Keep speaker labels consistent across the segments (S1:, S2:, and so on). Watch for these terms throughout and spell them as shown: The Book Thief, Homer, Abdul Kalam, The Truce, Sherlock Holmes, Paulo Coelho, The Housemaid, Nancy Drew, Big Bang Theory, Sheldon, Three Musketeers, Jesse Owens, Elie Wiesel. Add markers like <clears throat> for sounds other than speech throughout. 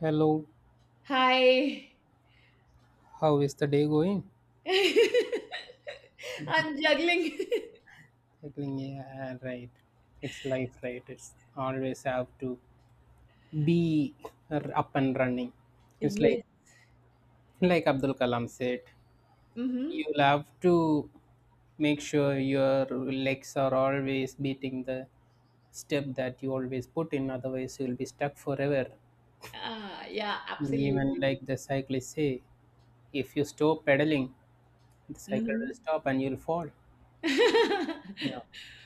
S1: Hello,
S2: Hi.
S1: how is the day going?
S2: <laughs> I'm juggling. <laughs>
S1: Cycling, yeah, right. It's life, right? It's always have to be up and running. It's like
S2: Yes.
S1: like Abdul Kalam said,
S2: Mm-hmm.
S1: you'll have to make sure your legs are always beating the step that you always put in, otherwise you'll be stuck forever.
S2: Ah, yeah,
S1: Even
S2: absolutely.
S1: like the cyclists say, if you stop pedaling, the cycle
S2: Mm-hmm.
S1: will stop and you'll fall. Yeah.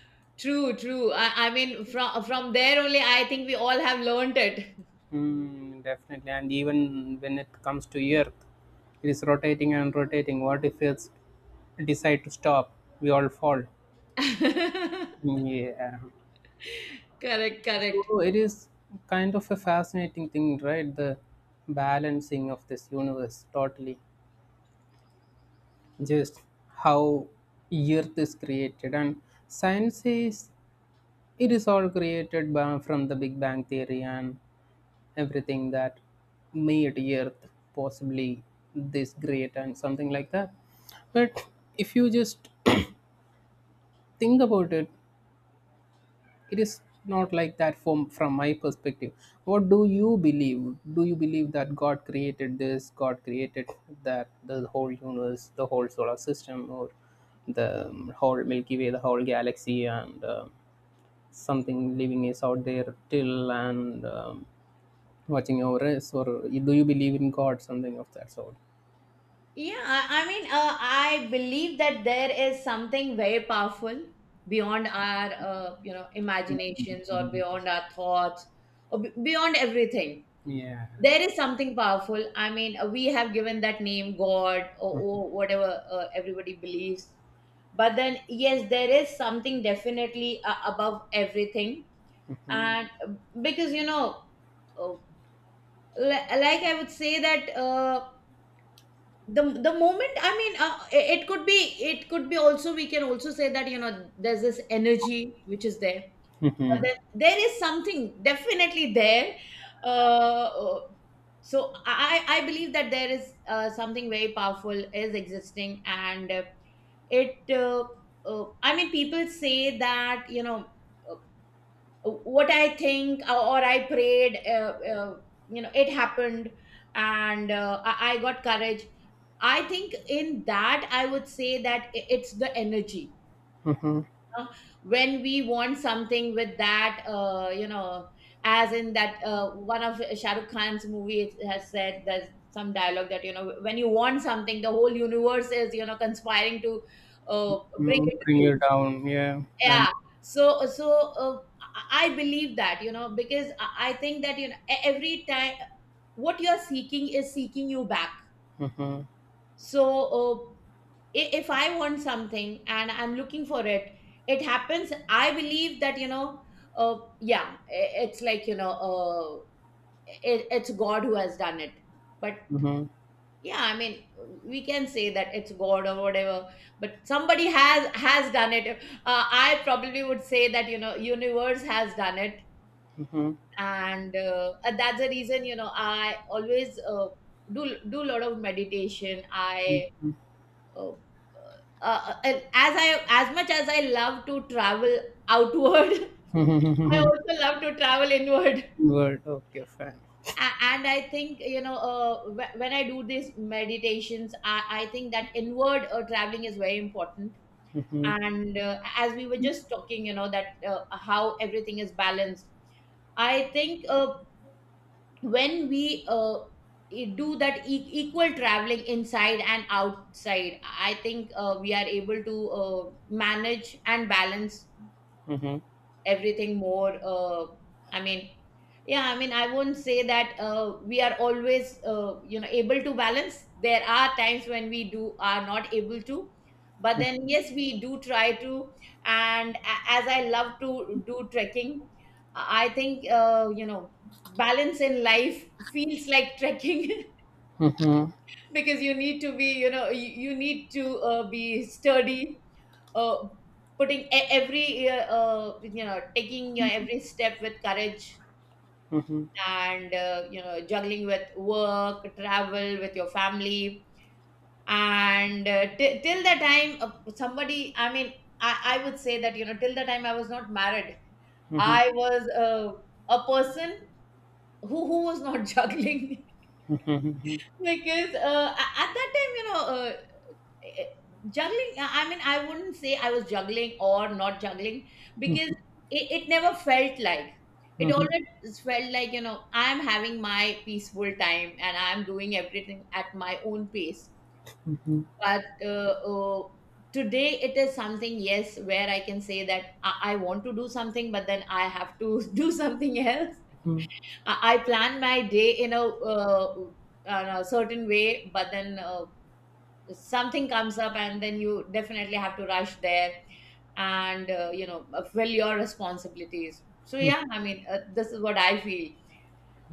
S2: <laughs> True, true. I mean, from there only, I think we all have learned it.
S1: Mm, definitely. And even when it comes to Earth, it is rotating and rotating. What if it's decide to stop? We all fall.
S2: <laughs>
S1: Hmm, yeah.
S2: Correct, correct.
S1: So it is kind of a fascinating thing, right? The balancing of this universe totally. Just how Earth is created. And science says it is all created by, from the Big Bang Theory and everything that made earth possibly this great and something like that, but if you just <coughs> <clears throat> think about it, it is not like that from my perspective. What do you believe? Do you believe that god created this, god created that, the whole universe, the whole solar system, or the whole milky way, the whole galaxy, and something living is out there till, and watching auras, or do you believe in god, something of that sort?
S2: Yeah, I mean, I believe that there is something very powerful beyond our imaginations or
S1: Yes.
S2: beyond our thoughts or beyond everything.
S1: Yeah, right.
S2: There is something powerful. I mean, we have given that name God or whatever. Everybody believes, but then yes, there is something definitely above everything. And because you know, uh, like I would say that, the moment, I mean, it could be also. We can also say that, you know, there's this energy which is there,
S1: Mm-hmm.
S2: that there is something definitely there. Uh, uh, so I believe that there is something very powerful is existing, and it. I mean, people say that, you know, uh, what I think, or I prayed. It happened, and I got courage. I think in that I would say that it's the energy.
S1: Mm-hmm.
S2: Know, when we want something with that, as in that, one of Shah Rukh Khan's movie it has said there's some dialogue that, when you want something, the whole universe is conspiring to uh, bring it
S1: Mm,
S2: to
S1: bring
S2: you.
S1: you down, yeah. And
S2: Yeah. So I believe that, because I think that, every time what you are seeking is seeking you back.
S1: mm-hmm.
S2: So if I want something and I'm looking for it happens. I believe that, yeah, it's like, it's God who has done it. But
S1: Mm-hmm.
S2: yeah, I mean, we can say that it's God or whatever, but somebody has done it. I probably would say that, universe has done it. And that's the reason, I always do do a lot of meditation. I uh, and as much as I love to travel outward, <laughs> I
S1: Mm-hmm.
S2: also love to travel inward.
S1: <laughs> Good, okay, fine.
S2: And I think, when I do these meditations, I think that inward traveling is very important.
S1: Mm-hmm.
S2: And as we were just talking, that how everything is balanced. I think when we do that equal traveling inside and outside, I think we are able to manage and balance
S1: Mm-hmm.
S2: everything more. I mean, yeah, I mean, I won't say that we are always able to balance. There are times when we do are not able to, but then yes, we do try to. And as I love to do trekking, I think, balance in life feels like trekking.
S1: Mm-hmm.
S2: <laughs> Because you need to be, you know, you need to be sturdy, uh, putting e- every you know taking your every step with courage.
S1: Mm-hmm.
S2: And juggling with work, travel with your family. And till the time somebody, I mean, I would say that, till the time I was not married,
S1: Mm-hmm. Mm-hmm.
S2: I was a person who was not <laughs> juggling.
S1: Mm-hmm. Mm-hmm.
S2: Because at that time, eh, juggling, I mean, I wouldn't say I was juggling or not juggling, because it never felt like it. Always felt like, I'm having my peaceful time and I'm doing everything at my own pace.
S1: Mm-hmm. Mm-hmm.
S2: But today it is something, yes, where I can say that I want to do something, but then I have to <laughs> do something else.
S1: Mm-hmm.
S2: I plan my day in a certain way, but then something comes up, and then you definitely have to rush there. And fill your responsibilities. So yeah, I mean, this is what I feel.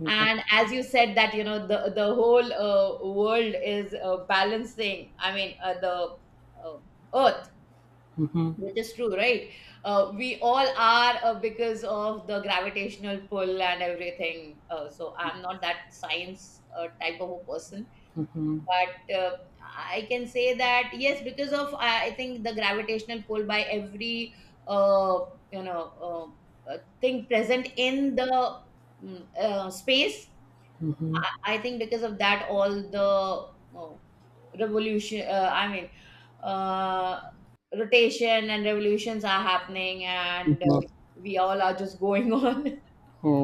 S2: And as you said, that the whole world is balancing. I mean, the uh, earth, which is true, right? We all are, because of the gravitational pull and everything. So I'm not that science type of a person. But I can say that yes, because of I think the gravitational pull by every uh, you know uh, thing present in the space, I think because of that all the oh, revolution, I mean, uh, rotation and revolutions are happening. And
S1: Mm-hmm.
S2: we all are just going on. <laughs>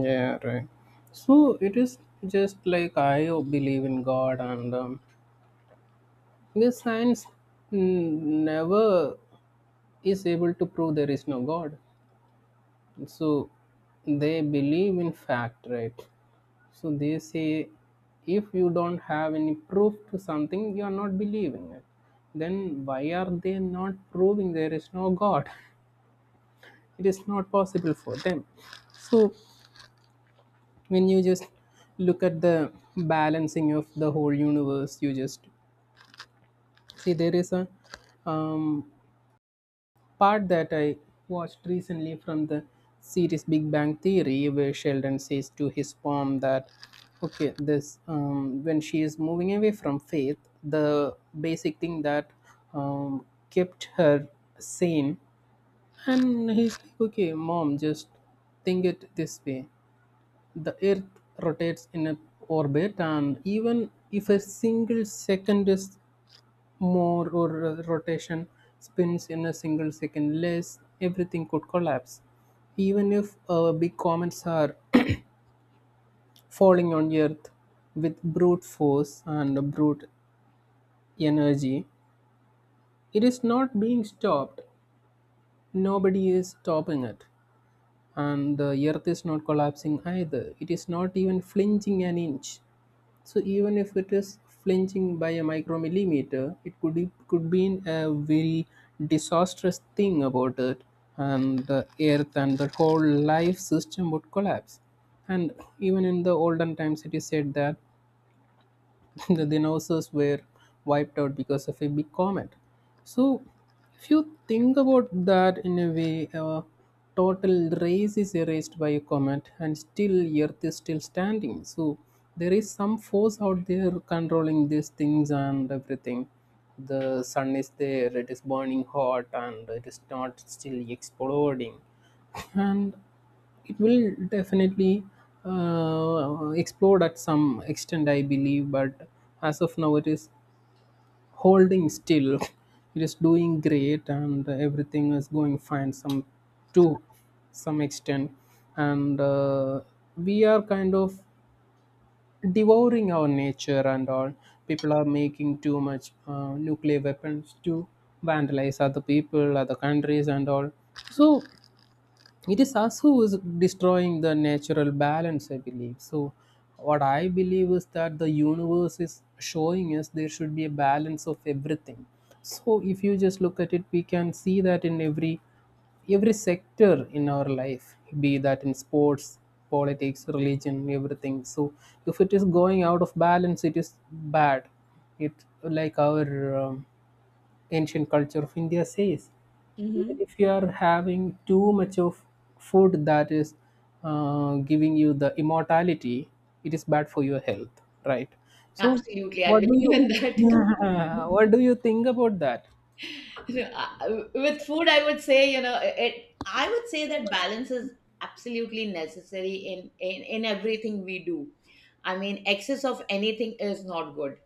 S1: Yeah, right. So it is just like I believe in god, and because science never is able to prove there is no God. So they believe in fact, right? So they say, if you don't have any proof to something, you are not believing it. Then why are they not proving there is no God? <laughs> It is not possible for them. So when you just look at the balancing of the whole universe, you just see there is a um, part that I watched recently from the series Big Bang Theory, where Sheldon says to his mom that, okay, this, when she is moving away from faith, the basic thing that um, kept her sane, and he's like, okay, mom, just think it this way: the Earth rotates in an orbit, and even if a single second is more, or rotation spins in a single second less, everything could collapse. Even if big comets are <coughs> <clears throat> falling on earth with brute force and brute energy, it is not being stopped, nobody is stopping it, and the earth is not collapsing either. It is not even flinching an inch. So even if it is flinching by a micromillimeter, it could be a very disastrous thing about it, and the earth and the whole life system would collapse. And even in the olden times, it is said that <laughs> the dinosaurs were wiped out because of a big comet. So, if you think about that in a way, a total race is erased by a comet, and still Earth is still standing. So, there is some force out there controlling these things and everything. The sun is there; it is burning hot, and it is not still exploding. <laughs> And it will definitely explode at some extent, I believe, but as of now, it is holding still. <laughs> It is doing great, and everything is going fine. Some To some extent, and we are kind of devouring our nature and all. People are making too much nuclear weapons to vandalize other people, other countries, and all. So it is us who is destroying the natural balance, I believe. So what I believe is that the universe is showing us there should be a balance of everything. So if you just look at it, we can see that in every sector in our life, be that in sports, politics, religion, everything. So if it is going out of balance, it is bad. It, like our ancient culture of India says. Even
S2: Hmm.
S1: if you are having too much of food that is giving you the immortality, it is bad for your health, right? So,
S2: Absolutely, I
S1: what do
S2: believe
S1: you
S2: in
S1: <laughs>
S2: that <laughs> completely.
S1: what do you think about that?
S2: You know, with food, I would say, it I would say that balance is absolutely necessary in everything we do. I mean, excess of anything is not good.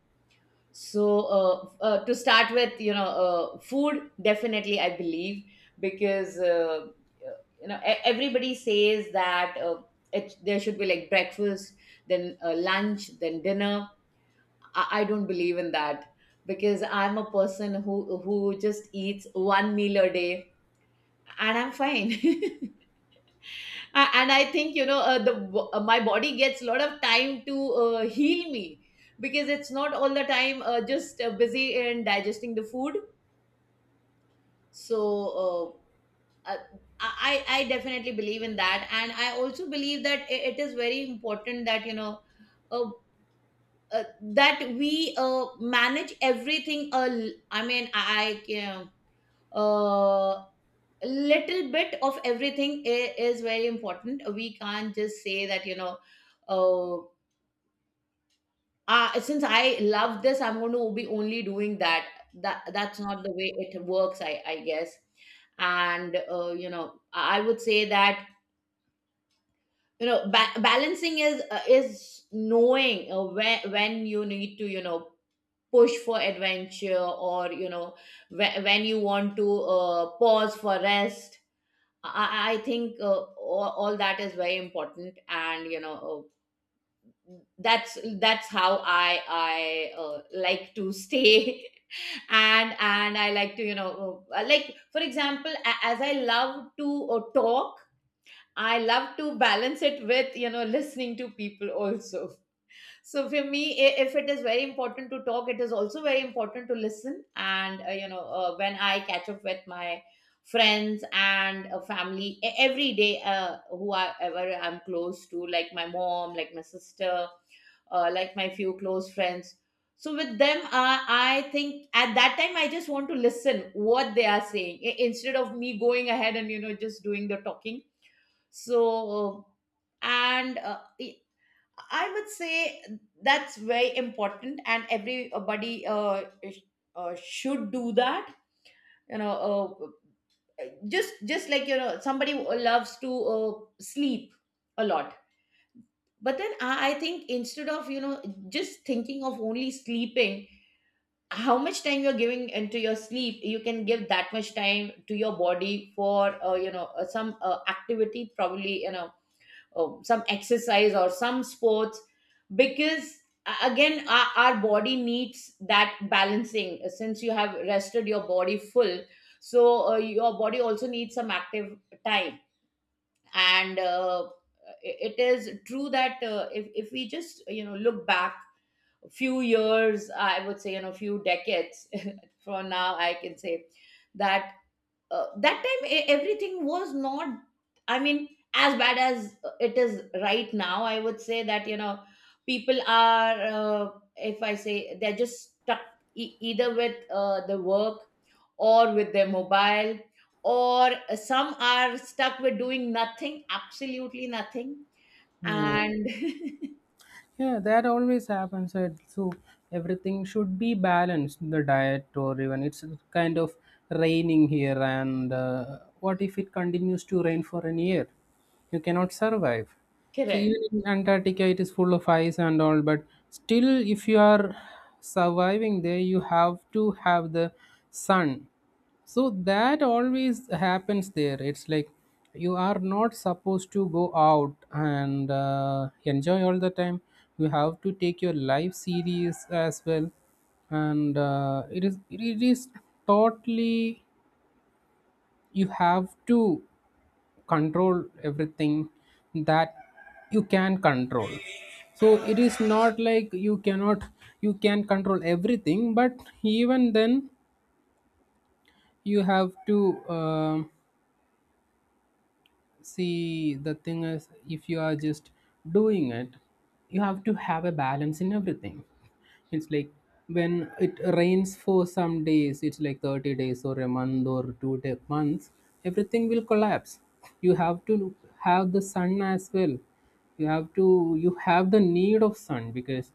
S2: So uh, to start with, food definitely, I believe. Because everybody says that there should be like breakfast, then lunch, then dinner. I don't believe in that, because I'm a person who just eats one meal a day, and I'm fine. <laughs> And I think, my body gets a lot of time to heal me, because it's not all the time just busy in digesting the food. So uh, uh, I definitely believe in that, and I also believe that it is very important, that. Uh, that we manage everything, I mean, I can uh, little bit of everything is very important. We can't just say that, uh, since I love this, I'm going to be only doing that. That's not the way it works, I guess. And I would say that, balancing is knowing when you need to, push for adventure, or when you want to pause for rest. I think all that is very important. And that's how I like to stay. <laughs> And I like to, like, for example, as I love to talk, I love to balance it with listening to people also. So for me, if it is very important to talk, it is also very important to listen. And when I catch up with my friends and family every day, who I ever I'm close to, like my mom, like my sister, like my few close friends. So with them, I think at that time I just want to listen what they are saying, instead of me going ahead and, just doing the talking. So uh, and I would say that's very important, and everybody should do that. You know, just like, somebody who loves to sleep a lot, but then I think, instead of just thinking of only sleeping, how much time you're giving into your sleep, you can give that much time to your body for some activity, probably oh, some exercise or some sports. Because again, our body needs that balancing. Since you have rested your body full, so your body also needs some active time. And it is true that, if we just, look back a few years, I would say, few decades. <laughs> From now, I can say that, that time, everything was not, I mean, as bad as it is right now. I would say that, people are, if I say, they're just stuck, either with the work, or with their mobile, or some are stuck with doing nothing, absolutely nothing,
S1: Yeah.
S2: and
S1: Yeah, that always happens, right? So everything should be balanced. The diet, or even it's kind of raining here, and what if it continues to rain for an year? You cannot survive. So even
S2: <laughs>
S1: in Antarctica, it is full of ice and all, but still, if you are surviving there, you have to have the sun. So that always happens there. It's like you are not supposed to go out and enjoy all the time. You have to take your life serious as well, and it is totally, you have to control everything that you can control. So it is not like you cannot, you can control everything, but even then you have to um see, the thing is, if you are just doing it, you have to have a balance in everything. It's like when it rains for some days, it's like 30 days or a month or 2 day, months, everything will collapse. You have to have the sun as well. You have, to you have the need of sun because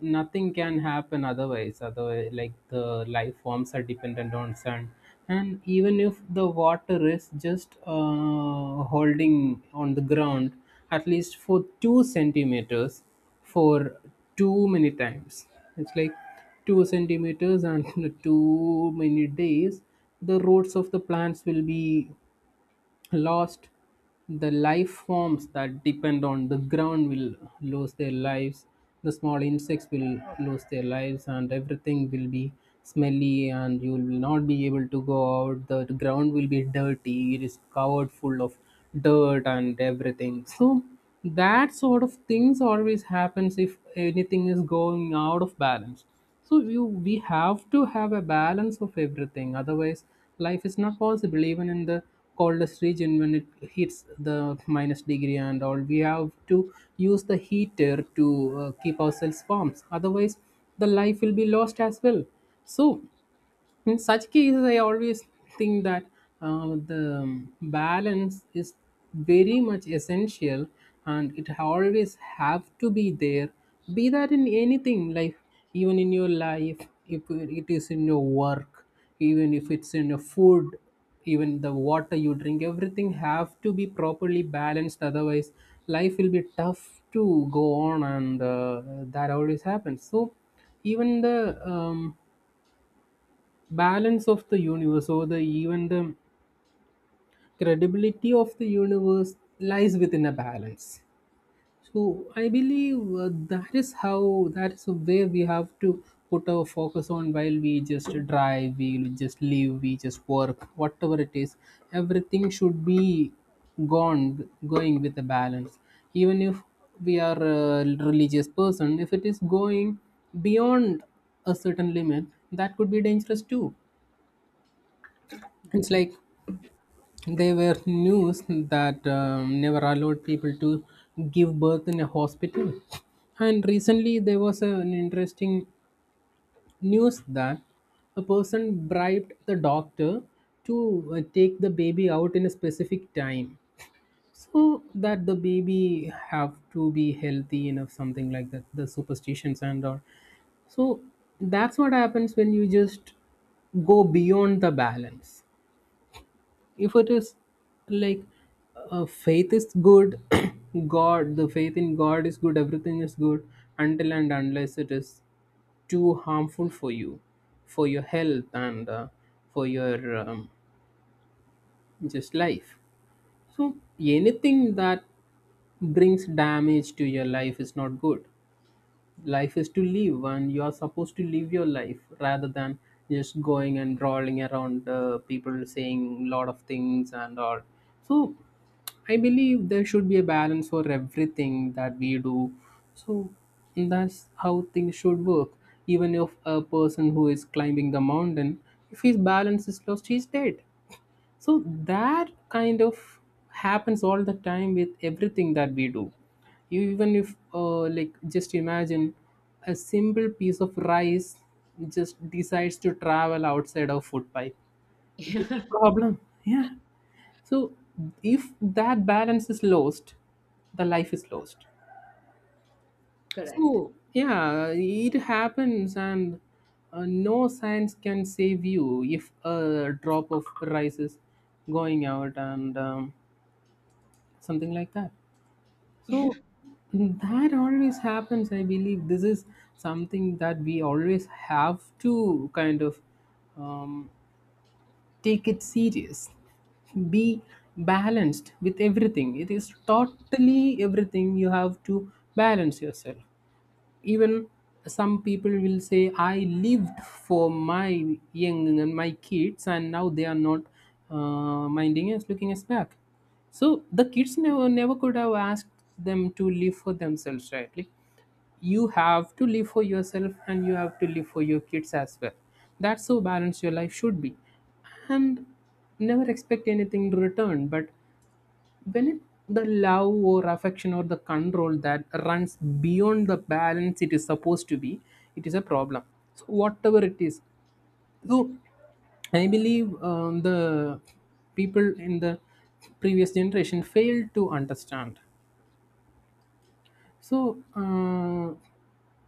S1: nothing can happen otherwise. Otherwise, like, the life forms are dependent on sun. And even if the water is just holding on the ground at least for two centimeters for too many times, it's like two centimeters and <laughs> too many days, the roots of the plants will be lost, the life forms that depend on the ground will lose their lives, the small insects will lose their lives, and everything will be smelly, and you will not be able to go out. The ground will be dirty, it is covered full of dirt and everything. So that sort of things always happens if anything is going out of balance. So you, we have to have a balance of everything, otherwise life is not possible. Even in the coldest region, when it hits the minus degree and all, we have to use the heater to keep ourselves warm, otherwise the life will be lost as well. So in such cases, I always think that the balance is very much essential, and it always have to be there. Be that in anything, like even in your life, if it is in your work, even if it's in your food, even the water you drink, everything have to be properly balanced. Otherwise, life will be tough to go on, and that always happens. So, even the um, balance of the universe, or the even the credibility of the universe lies within a balance. So I believe that is how, that is where we have to put our focus on, while we just drive, we just live, we just work, whatever it is, everything should be gone going with a balance. Even if we are a religious person, if it is going beyond a certain limit, that could be dangerous too. It's like, there were news that never allowed people to give birth in a hospital. And recently, there was an interesting news that a person bribed the doctor to take the baby out in a specific time so that the baby have to be healthy enough, something like that, the superstitions and all. So that's what happens when you just go beyond the balance. If it is like, faith is good, <coughs> <clears throat> god, the faith in god is good, everything is good until and unless it is too harmful for you, for your health, and for your just life. So anything that brings damage to your life is not good. Life is to live, and you are supposed to live your life rather than just going and rolling around, people saying lot of things and all. So, I believe there should be a balance for everything that we do. So, that's how things should work. Even if a person who is climbing the mountain, if his balance is lost, he's dead. So that kind of happens all the time with everything that we do. You, even if like, just imagine a simple piece of rice just decides to travel outside of food pipe. It will be
S2: correct.
S1: a
S2: <laughs>
S1: problem. Yeah. So if that balance is lost, the life is lost.
S2: Correct.
S1: So yeah, it happens, and no science can save you if a drop of rice is going out and something like that. So that always happens, I believe. This is something that we always have to kind of um, take it serious, be balanced with everything. It is totally everything, you have to balance yourself. Even some people will say, I lived for my young and my kids, and now they are not minding us, looking us back. So the kids never could have asked them to live for themselves, right? Like, you have to live for yourself and you have to live for your kids as well. That's how balanced your life should be. And never expect anything to return, but when it, the love or affection or the control that runs beyond the balance it is supposed to be, it is a problem. So whatever it is. So I believe the people in the previous generation failed to understand. So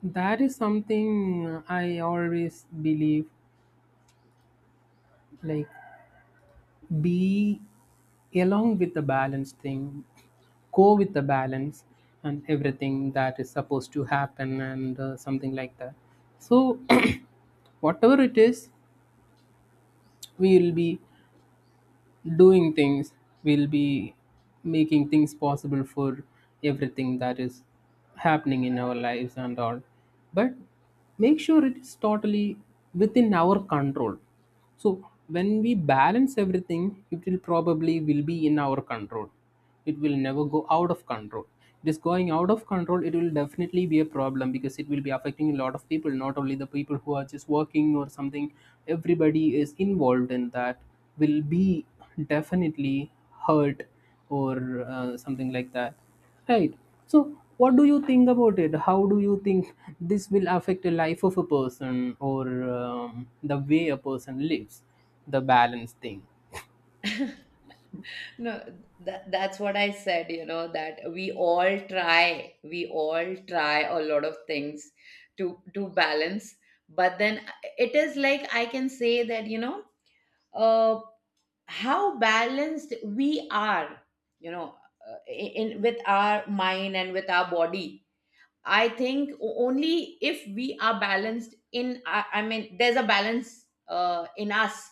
S1: that is something I always believe, like, be along with the balance thing, go with the balance and everything that is supposed to happen, and something like that. So <clears throat> whatever it is, we will be doing things, will be making things possible for everything that is happening in our lives and all, but make sure it is totally within our control. So when we balance everything, it will probably will be in our control. It will never go out of control. It is going out of control, it will definitely be a problem because it will be affecting a lot of people, not only the people who are just working or something. Everybody is involved in that, will be definitely hurt or something like that, right? So what do you think about it? How do you think this will affect the life of a person, or the way a person lives, the balance thing?
S2: <laughs> No, that's what I said, you know, that we all try, a lot of things to balance. But then it is like I can say that, uh, how balanced we are, you know, in with our mind and with our body. I think only if we are balanced I mean, there's a balance in us.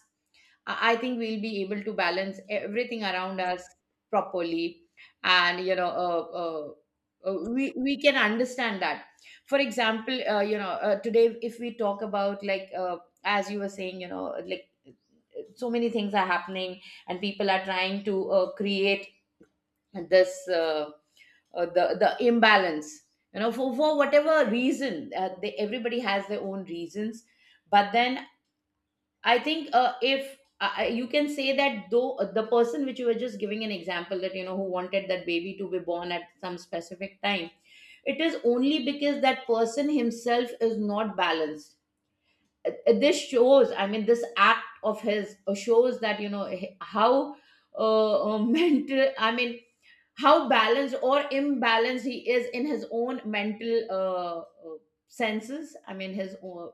S2: I think we'll be able to balance everything around us properly, and we can understand that. For example, today if we talk about as you were saying, like so many things are happening, and people are trying to create this the imbalance. You know, for whatever reason, everybody has their own reasons. But then I think if I you can say that though the person which you were just giving an example that you know who wanted that baby to be born at some specific time, it is only because that person himself is not balanced. This shows, I mean, this act of his shows that you know how <laughs> mental, I mean, how balanced or imbalanced he is in his own mental uh, senses. I mean, his own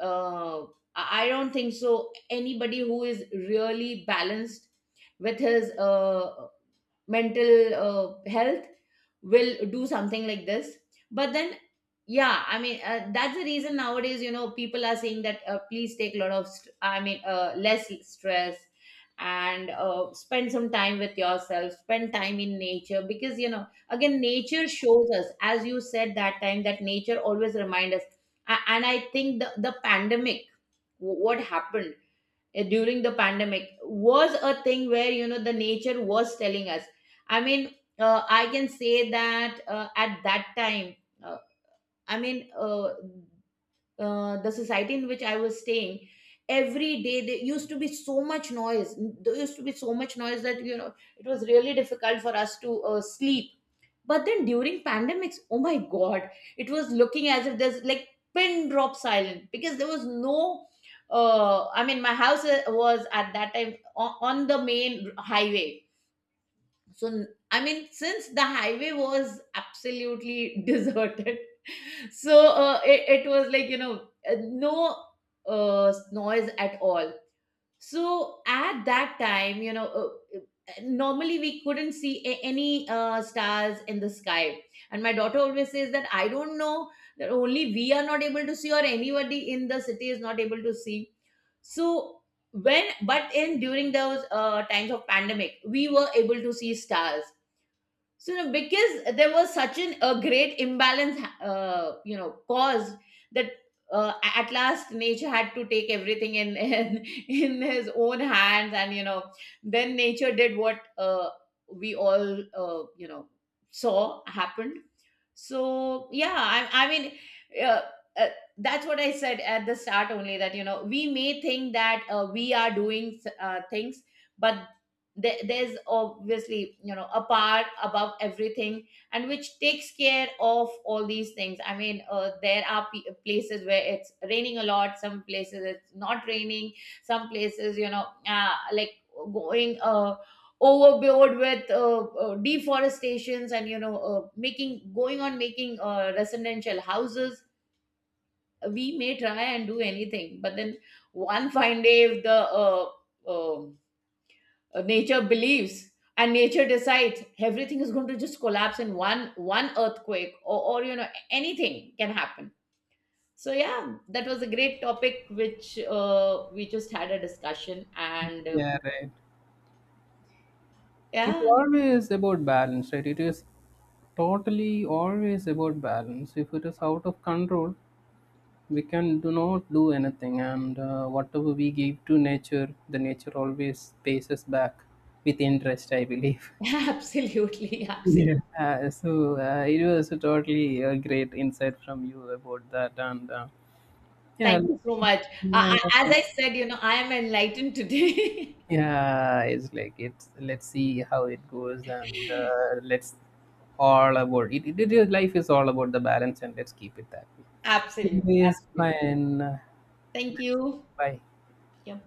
S2: uh, I don't think so. Anybody who is really balanced with his mental health will do something like this. But then yeah, I mean, that's the reason nowadays you know people are saying that please take a lot of less stress and spend some time with yourself, spend time in nature, because you know again nature shows us, as you said that time, that nature always remind us. And I think the pandemic, what happened during the pandemic, was a thing where you know the nature was telling us. I mean, I can say that at that time, uh, I mean, uh, the society in which I was staying, every day there used to be so much noise. There used to be so much noise that you know it was really difficult for us to sleep. But then during pandemics, oh my god, it was looking as if there's like pin drop silent because there was no. I mean, my house was at that time on the main highway. So I mean, since the highway was absolutely <laughs> deserted, so it was like no noise at all. So at that time normally we couldn't see any stars in the sky, and my daughter always says that I don't know that only we are not able to see, or anybody in the city is not able to see. So when, but in during those times of pandemic we were able to see stars. So you know, because there was a great imbalance, caused that at last nature had to take everything in, <laughs> in his own hands, and you know, then nature did what we all saw happen. So yeah, I mean, uh, uh, that's what I said at the start only, that you know we may think that we are doing things, but there's obviously you know a part above everything, and which takes care of all these things. I mean, there are places where it's raining a lot, some places it's not raining, some places you know like going overboard with deforestations and you know making going on making residential houses. We may try and do anything, but then one fine day, if the um, nature believes and nature decides, everything is going to just collapse in one earthquake, or you know anything can happen. So yeah, that was a great topic which we just had a discussion, and
S1: Yeah, right. It's
S2: yeah.
S1: always about balance, right? It is totally always about balance. If it is out of control, we can do not do anything, and whatever we give to nature, the nature always pays us back with interest, I believe.
S2: <laughs> Absolutely,
S1: Yeah. <laughs>
S2: absolutely.
S1: So it was a totally great insight from you about that, and yeah,
S2: Thank you so much.
S1: yeah,
S2: I, as I said, you know, I am enlightened today. <laughs>
S1: yeah, it's like it's, let's see how it goes, and let's all about it, It is, life is all about the balance, and let's keep it that way.
S2: Absolutely,
S1: It is
S2: absolutely.
S1: fine,
S2: Thank
S1: let's, go.
S2: you.
S1: Bye.
S2: Yeah.